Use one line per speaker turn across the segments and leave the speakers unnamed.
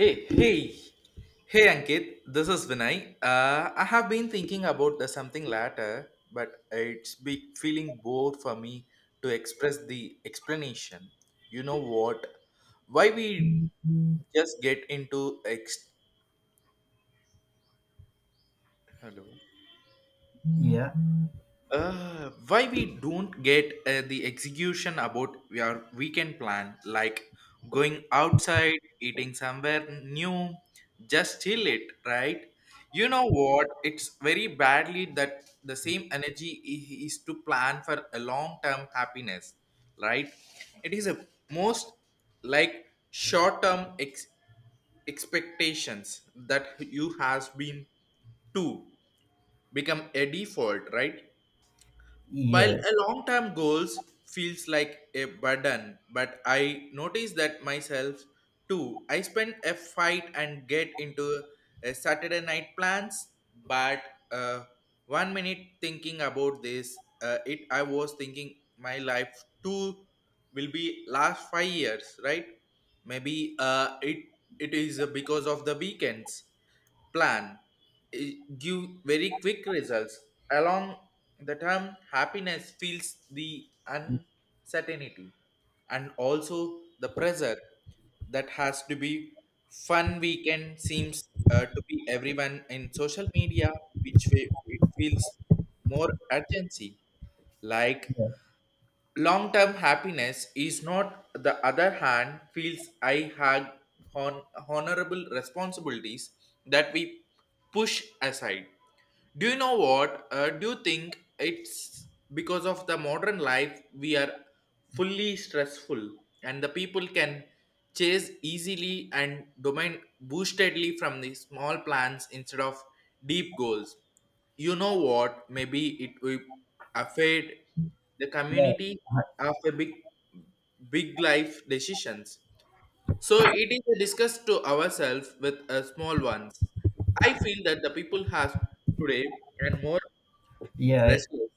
Hey, hey, hey, Ankit. This is Vinay. I have been thinking about the something latter, but it's be feeling bored for me to express the explanation. You know what? Why we just get into ex? Hello.
Yeah,
Why we don't get the execution about our weekend plan, like going outside, eating somewhere new, just chill it, right? You know what, it's very badly that the same energy is to plan for a long term happiness, right? It is a most like short term expectations that you has been to become a default, right?
yes,
While
yeah,
a long term goals feels like a burden, but I notice that myself too. I spend a fight and get into a Saturday night plans, but uh, 1 minute thinking about this, it I was thinking my life too will be last 5 years, right? Maybe it is because of the weekends plan, give very quick results, along the term happiness feels the uncertainty and also the pressure that has to be fun. Weekend seems to be everyone in social media, which way it feels more urgency. Like long term happiness is not, the other hand, feels I had hon- honorable responsibilities that we push aside. Do you know what? Do you think it's because of the modern life we are fully stressful and the people can chase easily and domain boostedly from the small plans instead of deep goals? You know what? Maybe it will affect the
Well,
community after big, big life decisions. So it is a discuss to ourselves with small ones. I feel that the people have today and more
yeah.
restless,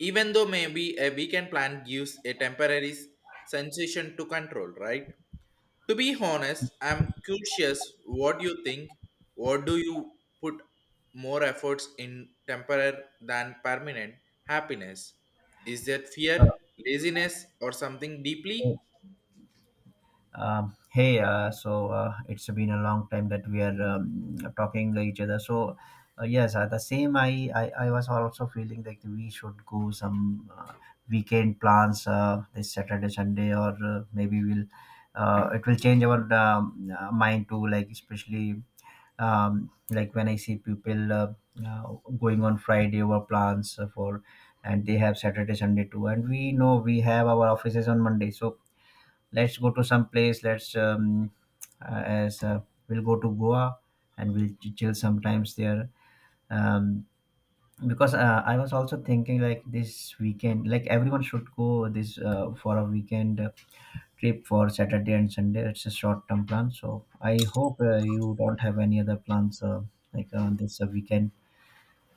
even though maybe a weekend plan gives a temporary sensation to control, right? To be honest, I'm curious what you think. What do you put more efforts in temporary than permanent happiness? Is that fear, laziness, or something
Uh,
deeply?
hey, so it's been a long time that we are talking to each other. So, yes, the same. I was also feeling like we should go some weekend plans this Saturday, Sunday, or maybe we'll. It will change our mind too, like especially like when I see people uh, going on friday over plans for and they have saturday sunday too and we know we have our offices on monday. So let's go to some place. Let's as we'll go to goa and we'll chill sometimes there. Um, because I was also thinking like this weekend like everyone should go this for a weekend trip for Saturday and Sunday. It's a short term plan. So I hope you don't have any other plans like on this weekend.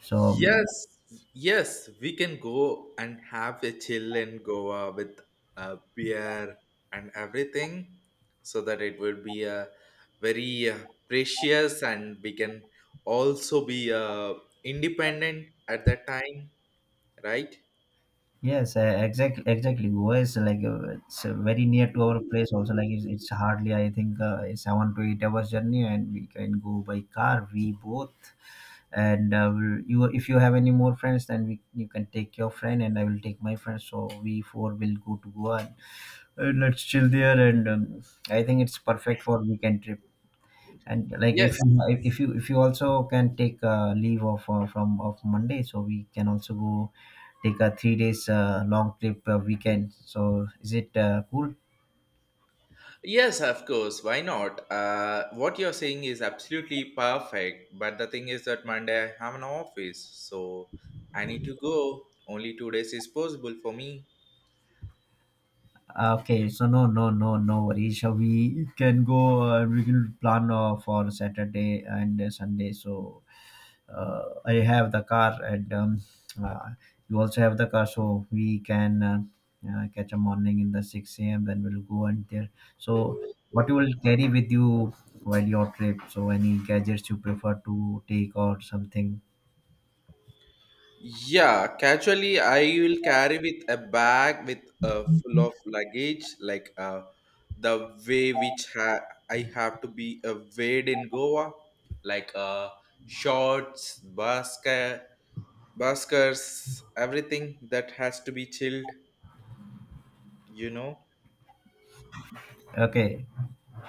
So um,
Yes, yes, we can go and have a chill in Goa with a beer and everything, so that it will be a very precious, and we can also be independent at that time, right?
yes, exactly, exactly. Goa is like it's very near to our place. Also, it's hardly I think it's 7 to 8 hours journey, and we can go by car. We both. You if you have any more friends, then we you can take your friend, and I will take my friend. So we 4 will go to Goa. Let's chill there, and I think it's perfect for weekend trip. And like if
Yes,
you if you if you also can take leave of from of monday so we can also go take a 3 days long trip weekend. So is it cool?
yes, of course. Why not? What you're saying is absolutely perfect. But the thing is that Monday I have an office, so I need to go. Only 2 days is possible for me.
Okay, so no worries. So we can go. We will plan for saturday and sunday. So I have the car, and uh, you also have the car, so we can catch a morning in the 6 a.m. Then we'll go and there. So, what you will carry with you while your trip? So, any gadgets you prefer to take or something?
Yeah, casually I will carry with a bag with full of luggage, like the way which I have to be weighed in Goa, like shorts, basket, baskers, everything that has to be chilled, you know.
Okay.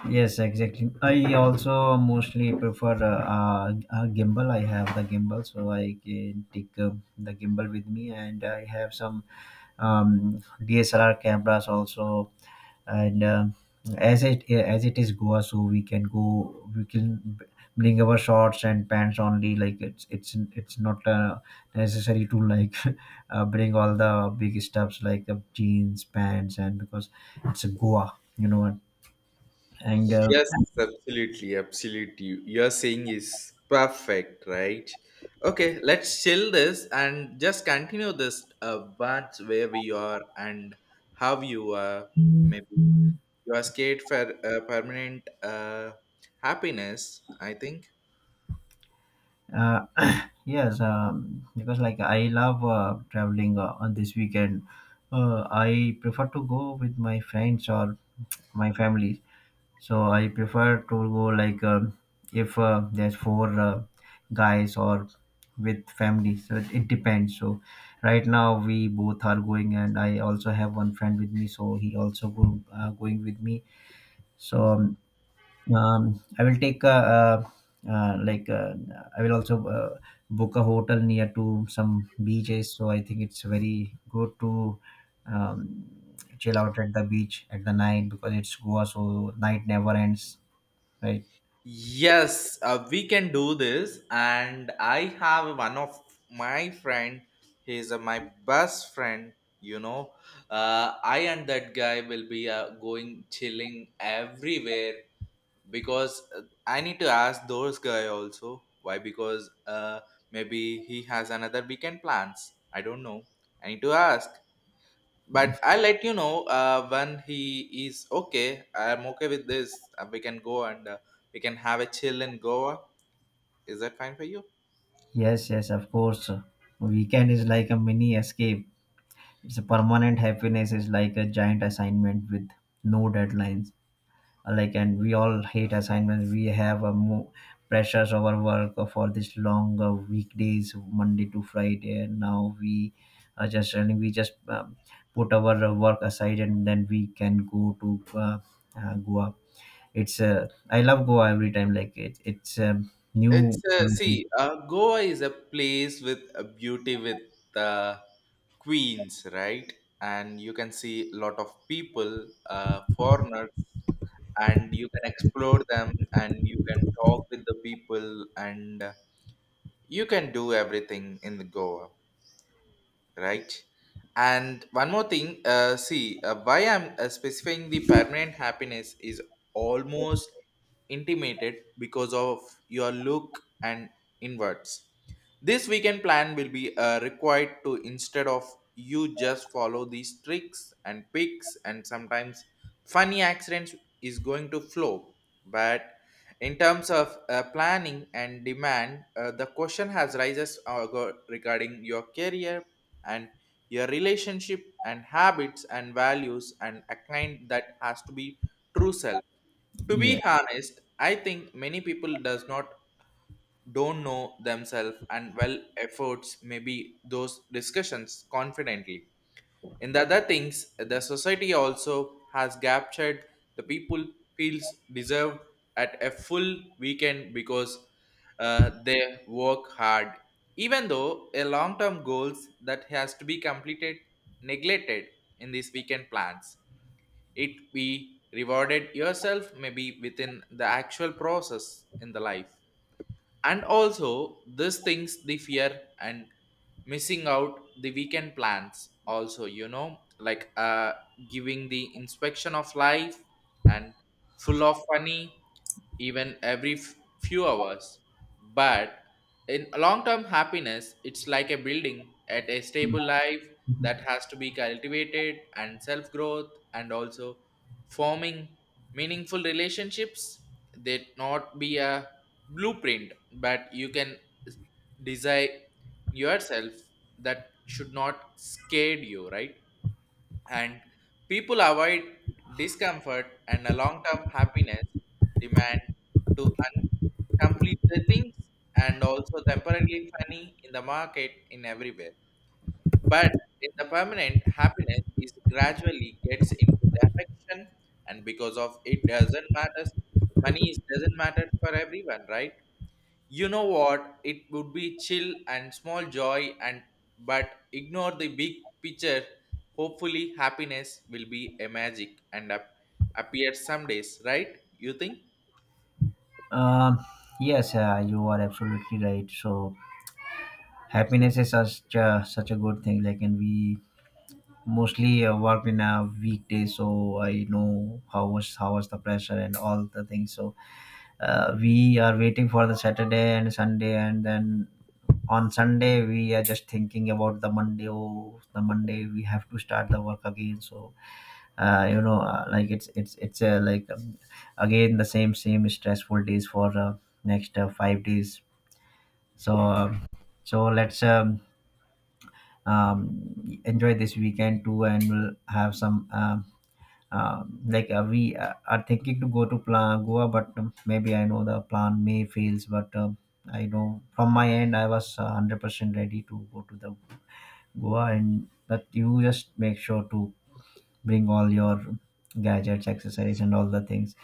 Yes, exactly. I also mostly prefer a gimbal. I have the gimbal, so I can take the gimbal with me, and I have some DSLR cameras also. And As it is Goa, so we can go. We can bring our shorts and pants only. It's not necessary to like bring all the big stuffs like the jeans, pants, and because it's Goa, you know. What. And
Yes, absolutely, absolutely. You're saying is perfect, right? Okay, let's chill this and just continue this, what where we are and how you are, maybe you are scared for permanent happiness, I think.
uh, yes, because like I love traveling on this weekend. I prefer to go with my friends or my family. So I prefer to go like if there's four guys or with family. So it depends. So right now we both are going, and I also have one friend with me. So he also going with me. So um, I will take a, like I will also book a hotel near to some beaches. So I think it's very good to um, chill out at the beach at the night because it's Goa, so night never ends. Right.
Yes, we can do this. And I have one of my friend. He's my best friend. You know, I and that guy will be going chilling everywhere, because I need to ask those guy also. Why? Because maybe he has another weekend plans, I don't know. I need to ask, but I'll let you know when he is okay. I'm okay with this. We can go and we can have a chill in Goa. Is that fine for you?
Yes, yes, of course. Weekend is like a mini escape. It's a permanent happiness is like a giant assignment with no deadlines. Like and we all hate assignments. We have a pressures of our work for this long weekdays, Monday to Friday, and now we are just running. We just put our work aside and then we can go to Goa. It's I love Goa every time. Like it's new.
It's see, Goa is a place with a beauty with uh, queens, right? And you can see a lot of people, foreigners, and you can explore them, and you can talk with the people, and you can do everything in the Goa, right? And one more thing, see, why I'm specifying the permanent happiness is almost intimated because of your look and inwards. This weekend plan will be required to, instead of you just follow these tricks and picks, and sometimes funny accidents is going to flow. But in terms of planning and demand, the question has rises, regarding your career and your relationship and habits and values, and a kind that has to be true self. To
Yeah.
be honest, I think many people does not don't know themselves and well efforts maybe those discussions confidently. In the other things, the society also has captured the people feels deserved at a full weekend, because they work hard. Even though a long-term goals that has to be completed, neglected in these weekend plans, it be rewarded yourself maybe within the actual process in the life. And also this things, the fear and missing out the weekend plans also, like giving the inspection of life and full of funny even every few hours. But in long term happiness, it's like a building at a stable life that has to be cultivated, and self growth, and also forming meaningful relationships that not be a blueprint, but you can desire yourself, that should not scare you, right? And people avoid discomfort, and a long-term happiness demand to complete the things. And also temporarily funny in the market in everywhere, but in the permanent, happiness is gradually gets into the affection, and because of it doesn't matter, money doesn't matter for everyone, right? You know what? It would be chill and small joy, and but ignore the big picture. Hopefully, happiness will be a magic and appear some days, right? You think?
Um, yes, you are absolutely right. So happiness is such a good thing. Like, and we mostly work in a weekday, so I know how was the pressure and all the things. So we are waiting for the Saturday and Sunday, and then on Sunday we are just thinking about the Monday. Oh, the Monday we have to start the work again. So you know, like it's like again the same stressful days for next 5 days. So, so let's Enjoy this weekend too, and we'll have some like we are thinking to go to plan Goa, but maybe I know the plan may fails, but I know from my end I was 100% ready to go to the Goa, and that you just make sure to bring all your gadgets, accessories, and all the things,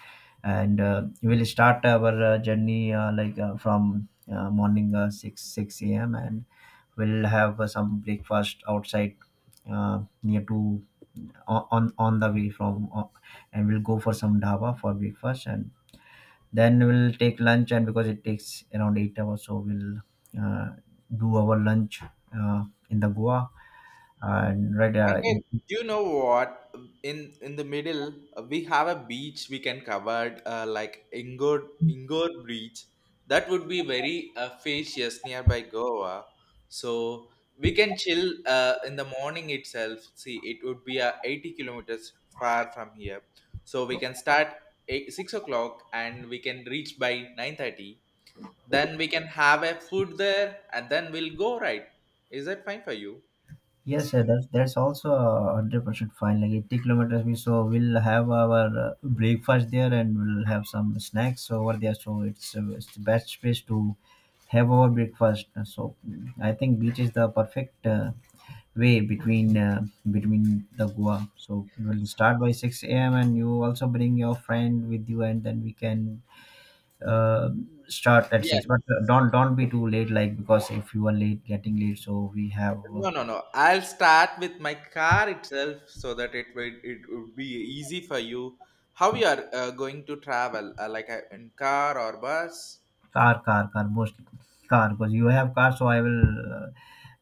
and we'll start our journey like from morning six a.m. and we'll have some breakfast outside near to on the way from and we'll go for some dhaba for breakfast and then we'll take lunch. And because it takes around 8 hours, so we'll uh, do our lunch uh, in the goa. And right
Ankit, do you know what? In the middle, we have a beach we can cover, like Ingor Beach. That would be very spacious nearby Goa. So we can chill in the morning itself. See, it would be 80 kilometers far from here. So we can start eight, 6 o'clock and we can reach by 9:30. Then we can have a food there and then we'll go, right? Is that fine for you?
Yes, sir, that's also 100% fine. Like 80 kilometers, we so we'll have our breakfast there and we'll have some snacks over there. So it's the best place to have our breakfast. I think beach is the perfect way between between the Goa. So we'll start by 6 a.m. and you also bring your friend with you, and then we can uh, start at
Yes.
6. But don't be too late, like because if you are late, getting late, so we have
No, no, no. I'll start with my car itself, so that it would be easy for you. How you are going to travel? Like in car or bus?
Car, car, car, mostly car, because you have car, so I will.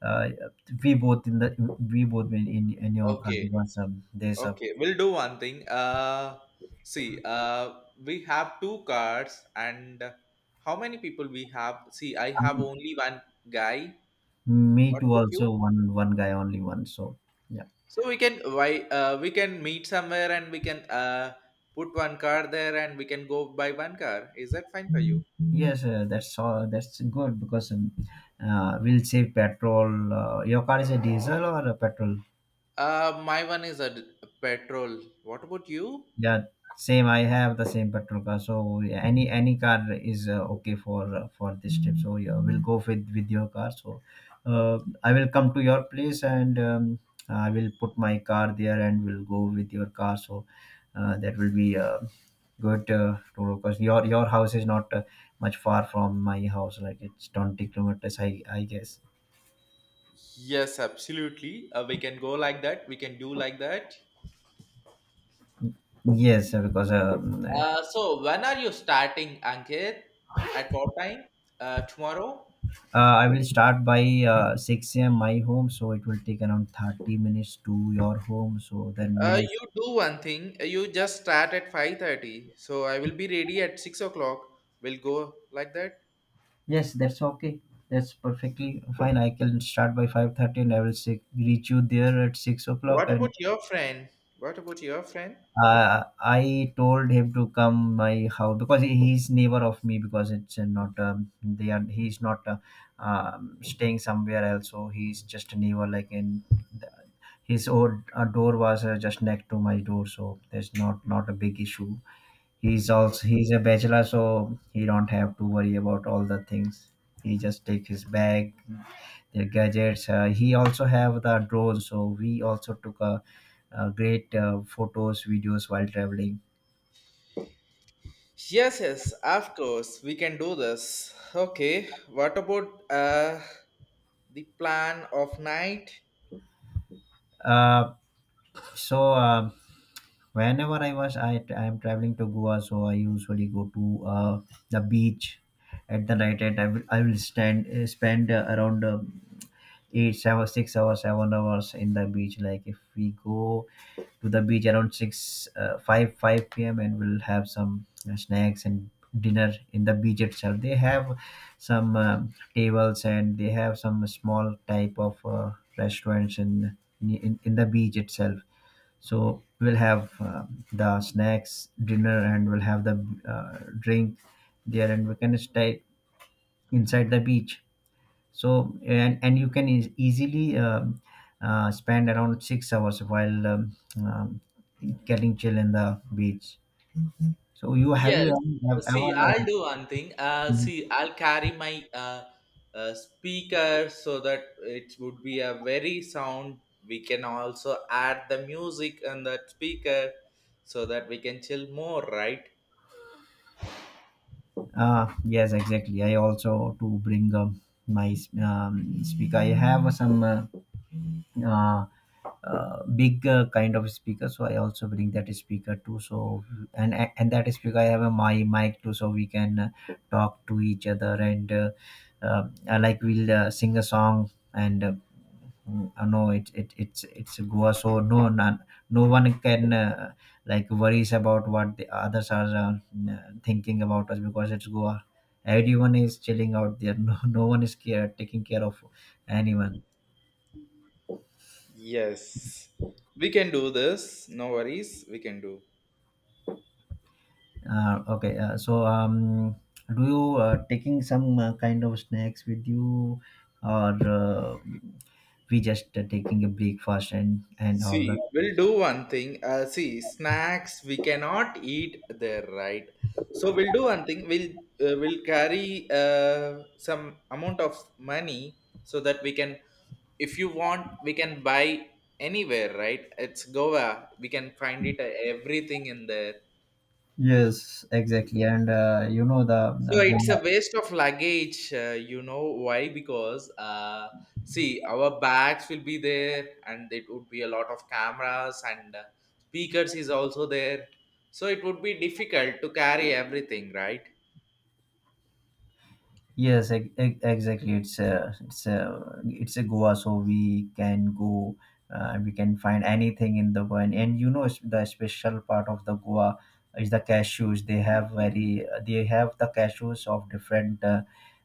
Uh, uh, we both in the we both in your car
Okay,
because there's a
okay. We'll do one thing. See, we have two cars, and how many people we have? See, I have
um,
only one guy.
me
What
too
about
also
you?
one guy, only one. So yeah.
So we can, why we can meet somewhere and we can put one car there and we can go by one car. Is that fine for you?
Yes, that's all that's good because we'll save petrol. Your car is a diesel or a petrol?
My one is a petrol. What about you?
Yeah, same. I have the same petrol car, so yeah, any car is okay for this trip. So yeah, we'll go with your car. So I will come to your place and I will put my car there, and we'll go with your car. So that will be good to because your house is not much far from my house. Like it's 20 kilometers, I guess.
Yes, absolutely. We can go like that. We can do like that.
Yes, because
So when are you starting, Ankit? At what time? Tomorrow?
I will start by 6 a.m. my home, so it will take around 30 minutes to your home. So then we'll
You do one thing. You just start at 5:30. So I will be ready at 6 o'clock. We'll go like that.
yes, that's okay. That's perfectly fine. I can start by 5:30 and I will reach you there at 6 o'clock.
What
And
about your friend? What about your friend?
I told him to come my house because he's neighbor of me because it's not they are he's not staying somewhere else. So he's just a neighbor like in his old door was just next to my door. So there's not a big issue. He's
Oh.
also he's a bachelor, so he don't have to worry about all the things. He just take his bag, their gadgets. He also have the drone, so we also took a, great photos videos while traveling.
Yes, yes, of course. We can do this. Okay. What about, the plan of night.
uh, so uh, whenever I was I am traveling to goa, so I usually go to the beach at the night. I will stand spend around 8 7 6 hours 7 hours in the beach. Like if we go to the beach around 6 5 5 p.m and we'll have some snacks and dinner in the beach itself. They have some tables and they have some small type of restaurants in, in the beach itself. So we'll have the snacks dinner and we'll have the drink there, and we can stay inside the beach. So and you can easily spend around 6 hours while um, getting chill in the beach. So you
Yes.
have
See, I'll
ever
do one thing.
uh,
See, I'll carry my speaker, so that it would be a very sound. We can also add the music on that speaker, so that we can chill more, right?
yes exactly I also to bring my speaker. I have some uh, big kind of speaker, so I also bring that speaker too. So and that speaker I have a my mic too, so we can talk to each other and I like we'll sing a song and I know it's goa, so no one can like worries about what the others are thinking about us because it's goa. Everyone is chilling out there. No, no one is care taking care of anyone.
Yes. We can do this. No worries. We can do.
Okay, do you taking some kind of snacks with you, or we just taking a breakfast and all
See,
that?
we'll do one thing. See, snacks we cannot eat there, right? So we'll do one thing. We'll carry some amount of money so that we can, if you want, we can buy anywhere, right? It's Goa. We can find it everything in there.
Yes, exactly. And you know the
So it's a
go
waste of luggage, you know why? Because see, our bags will be there, and it would be a lot of cameras and speakers is also there. So it would be difficult to carry everything, right?
Yes, exactly. It's a it's a it's a Goa, so we can go. We can find anything in the one, and you know the special part of the Goa is the cashews. They have the cashews of different uh,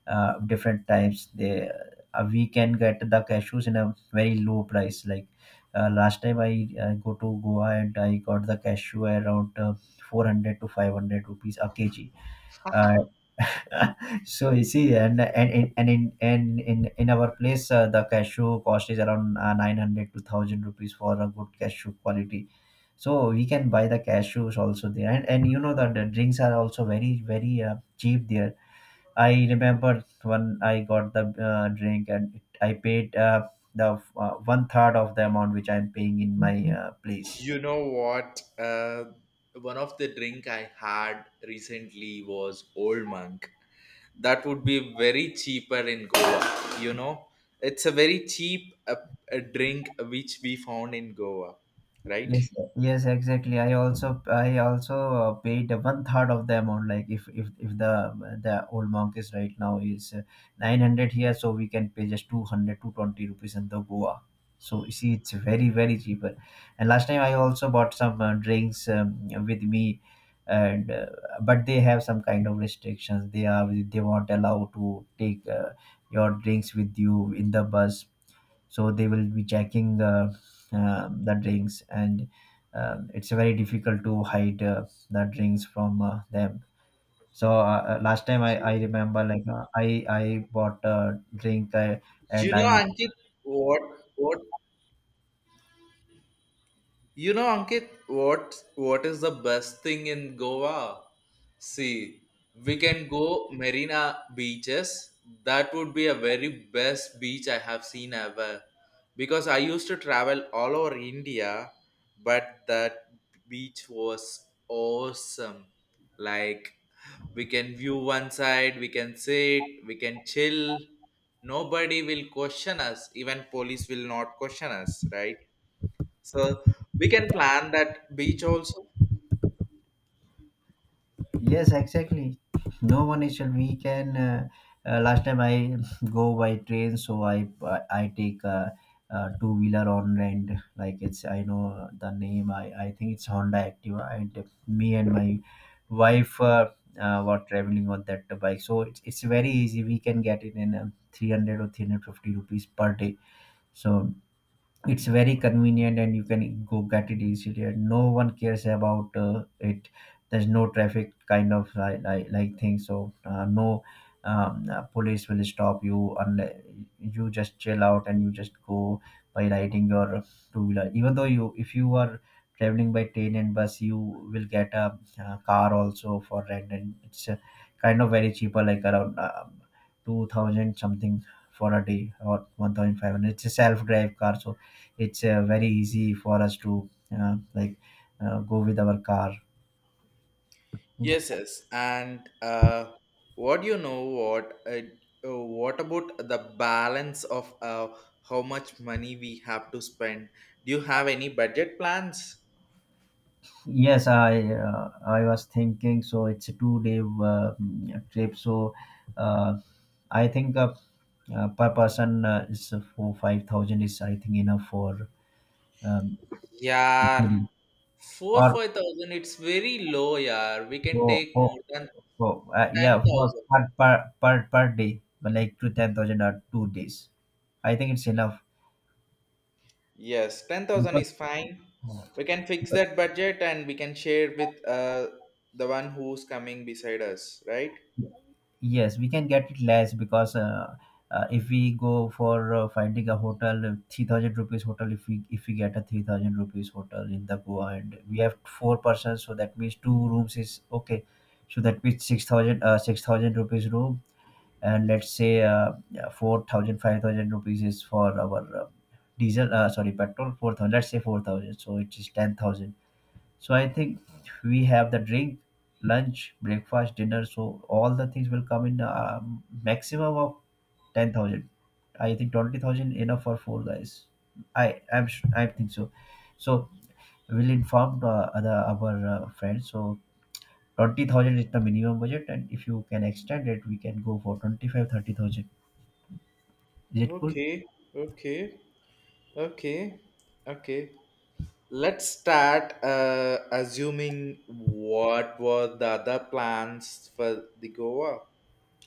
uh, different types. They We can get the cashews in a very low price. Like last time I go to Goa and I got the cashew around 400 to 500 rupees a kg uh, so you see, and in our place, the cashew cost is around 900 to thousand rupees for a good cashew quality. So we can buy the cashews also there, and you know that the drinks are also very very cheap there. I remember when I got the drink and I paid the 1/3 of the amount which I'm paying in my place.
You know what? One of the drink I had recently was Old Monk. That would be very cheaper in Goa. You know, it's a very cheap, a drink which we found in Goa, right?
Yes, yes, exactly. I also paid 1/3 of the amount. Like if the old monk is right now is 900 here, so we can pay just two hundred two twenty rupees in the Goa. So you see, it's very very cheaper. And last time I also bought some drinks with me, and but they have some kind of restrictions. They won't allow to take your drinks with you in the bus, so they will be checking the drinks and it's very difficult to hide the drinks from them. So last time I
Okay.
remember like I bought a drink I
You
and
know,
i.
Ankit, what what you know, Ankit, what is the best thing in Goa? See, we can go Marina beaches. That would be a very best beach I have seen ever. Because I used to travel all over India, but that beach was awesome. Like we can view one side, we can sit, we can chill, nobody will question us, even police will not question us, right? So we can plan that beach also.
Yes, exactly. No one initial. We can. Last time I go by train, so I take a two wheeler on rent. Like it's I know the name. I think it's Honda Activa. And me and my wife were traveling on that bike, so it's very easy. We can get it in 300 or 350 rupees per day. So it's very convenient and you can go get it easily and no one cares about it. There's no traffic kind of like thing, so no police will stop you unless you just chill out and you just go by riding your two-wheeler. Even though you if you are traveling by train and bus, you will get uh, car also for rent, and it's kind of very cheaper like around 2000 something for a day or 1500. It's a self-drive car, so it's very easy for us to uh, like go with our car.
Yes, yes, and what do you know, what about the balance of how much money we have to spend? Do you have any budget plans?
Yes, i. I was thinking, so it's a 2 day uh, trip, so uh, I think per person is for 5000 is I think enough for um,
Yeah, four
or
five thousand it's very low. Yeah, we can
for,
take more than
for yeah, for
10,000.
per, per day, but like to 10,000 or 2 days I think it's enough
Yes, 10,000
because.
is fine. We can fix that budget and we can share with the one who's coming beside us, right?
Yes, we can get it less, because if we go for finding a hotel, 3000 rupees hotel, if we get a 3000 rupees hotel in the Goa and we have four persons, so that means two rooms is okay. So that means 6000 rupees room, and let's say yeah, 4000 rupees is for our diesel, sorry, petrol, 4000 let's say 4000, so it is 10,000. So I think we have the drink, lunch, breakfast, dinner. So all the things will come in a maximum of 10,000. I think 20,000 enough for four guys. I'm I think so. So we'll inform other our friends. So 20,000 is the minimum budget, and if you can extend it, we can go for 25 30,000. Is it cool?
Okay, okay, okay, okay. Let's start assuming what were the other plans for the Goa,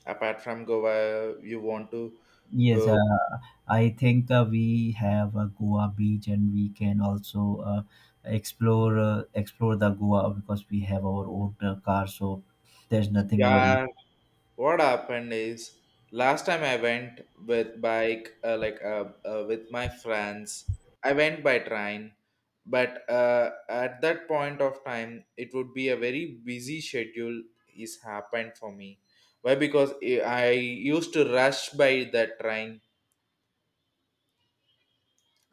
apart from Goa. You want to,
Yes,
uh,
I think we have a Goa beach, and we can also explore the Goa because we have our own car, so there's nothing worry.
yeah, what happened is, last time I went with bike, like with my friends. I went by train, but at that point of time, it would be a very busy schedule is happened for me. Why? Because I used to rush by the train,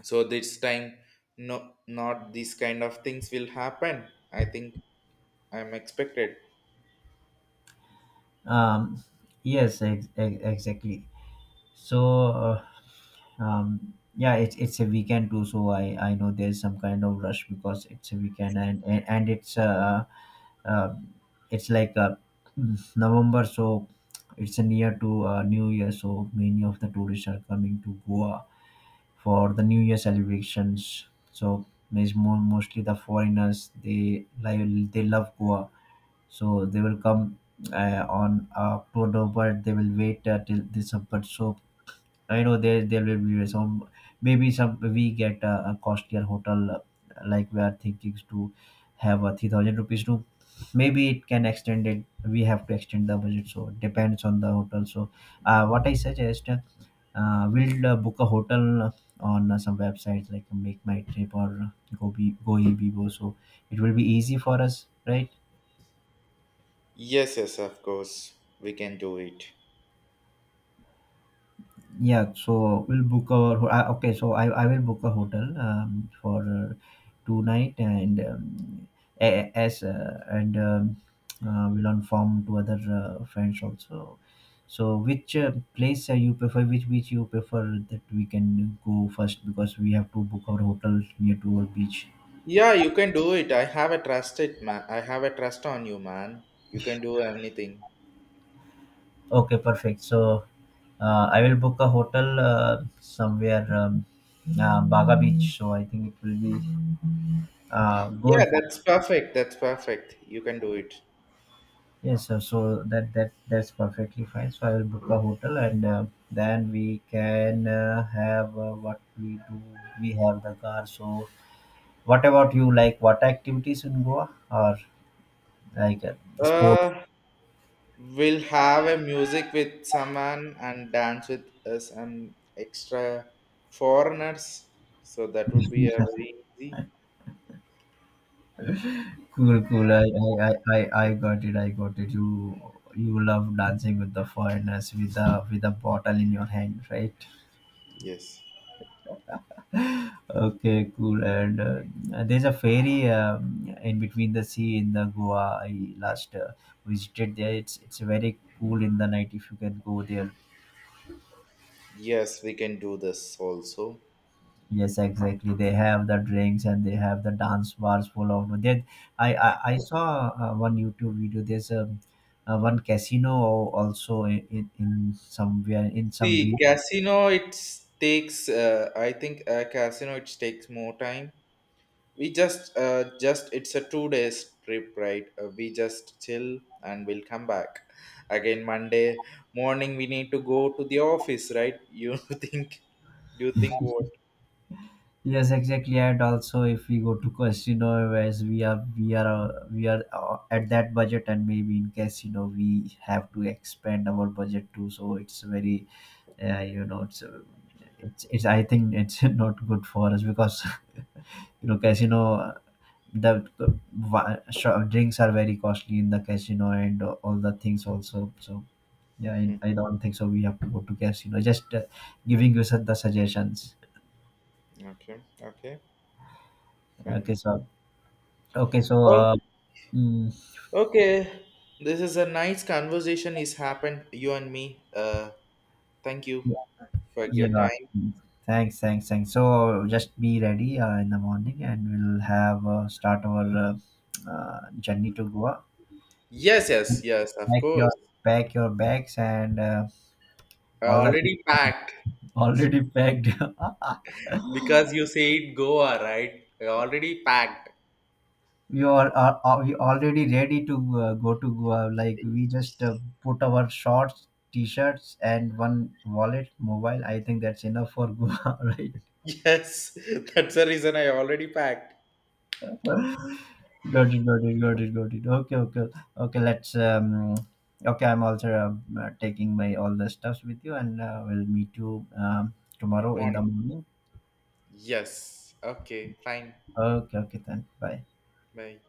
so this time no, not these kind of things will happen, I think. I'm expected.
Um, yes, exactly. So yeah, it's a weekend too, so I know there's some kind of rush because it's a weekend, and uh it's like November, so it's near to New Year, so many of the tourists are coming to Goa for the New Year celebrations. So means mostly the foreigners, they they love Goa, so they will come on October, but they will wait till December. So I know there will be some, maybe some, we get a costlier hotel, like we are thinking to have a 3,000 rupees room. Maybe it can extend it. We have to extend the budget, so it depends on the hotel. So, what I suggest, we'll book a hotel on some websites like Make My Trip or Go Ibibo. So it will be easy for us, right?
Yes, yes, of course we can do it.
Yeah, so we'll book our okay. So I will book a hotel for two night and as and we'll inform to other friends also. So which place you prefer? Which beach you prefer that we can go first, because we have to book our hotel near to our beach.
Yeah, you can do it. I have a trust it, man. I have a trust on you, man. You can do anything.
Okay, perfect. So I will book a hotel somewhere Baga Beach. So I think it will be
Yeah,
good.
that's perfect. That's perfect. You can do it.
Yes, sir. So that's perfectly fine. So I will book a hotel, and then we can have what we do. We have the car. So what about you? Like what activities in Goa, or like sport?
Uh, we'll have a music with someone and dance with some extra foreigners. So that would be a very easy.
Cool, cool. I got it. I got it. You love dancing with the foreigners, with the with a bottle in your hand, right?
Yes.
Okay, cool. And there's a ferry in between the sea in the Goa. I last visited there. It's very cool in the night if you can go there.
Yes, we can do this also.
Yes, exactly. They have the drinks and they have the dance bars full of that. I saw one YouTube video. There's a one casino also in somewhere in some
See,
beach.
casino it takes. I think casino it takes more time. We just, just it's a 2 days trip, right? We just chill and we'll come back again Monday morning, we need to go to the office, right? You think, you think what?
Yes, exactly. And also, if we go to casino, as we are at that budget, and maybe in casino we have to expand our budget too. So it's very, uh, you know, it's, uh, it's. I think it's not good for us, because you know, casino, drinks are very costly in the casino, and all the things also. So yeah,
Hmm,
I don't think so. We have to go to casino. Just giving you some the suggestions.
okay, okay, fine.
Okay, so okay, so.
Oh,
Uh, mm,
okay, this is a nice conversation is happened, you and me. Thank you
Yeah.
for your
Yeah.
time.
Thanks. So just be ready in the morning, and we'll have start our journey to Goa.
Yes, yes, yes, of
Pack your
course,
Pack your bags and
I
all that,
already packed.
already packed.
Because you said Goa, right, I already packed.
We are we already ready to go to Goa. Like we just put our shorts, t-shirts, and one wallet, mobile. I think that's enough for Goa,
Yes, that's the reason I already packed.
right? Got it. Okay, okay. Let's. Okay, I'm also taking my all the stuffs with you, and we'll meet you tomorrow in the
Morning.
morning.
Yes. Okay, fine.
Okay, okay, then. Bye.
Bye.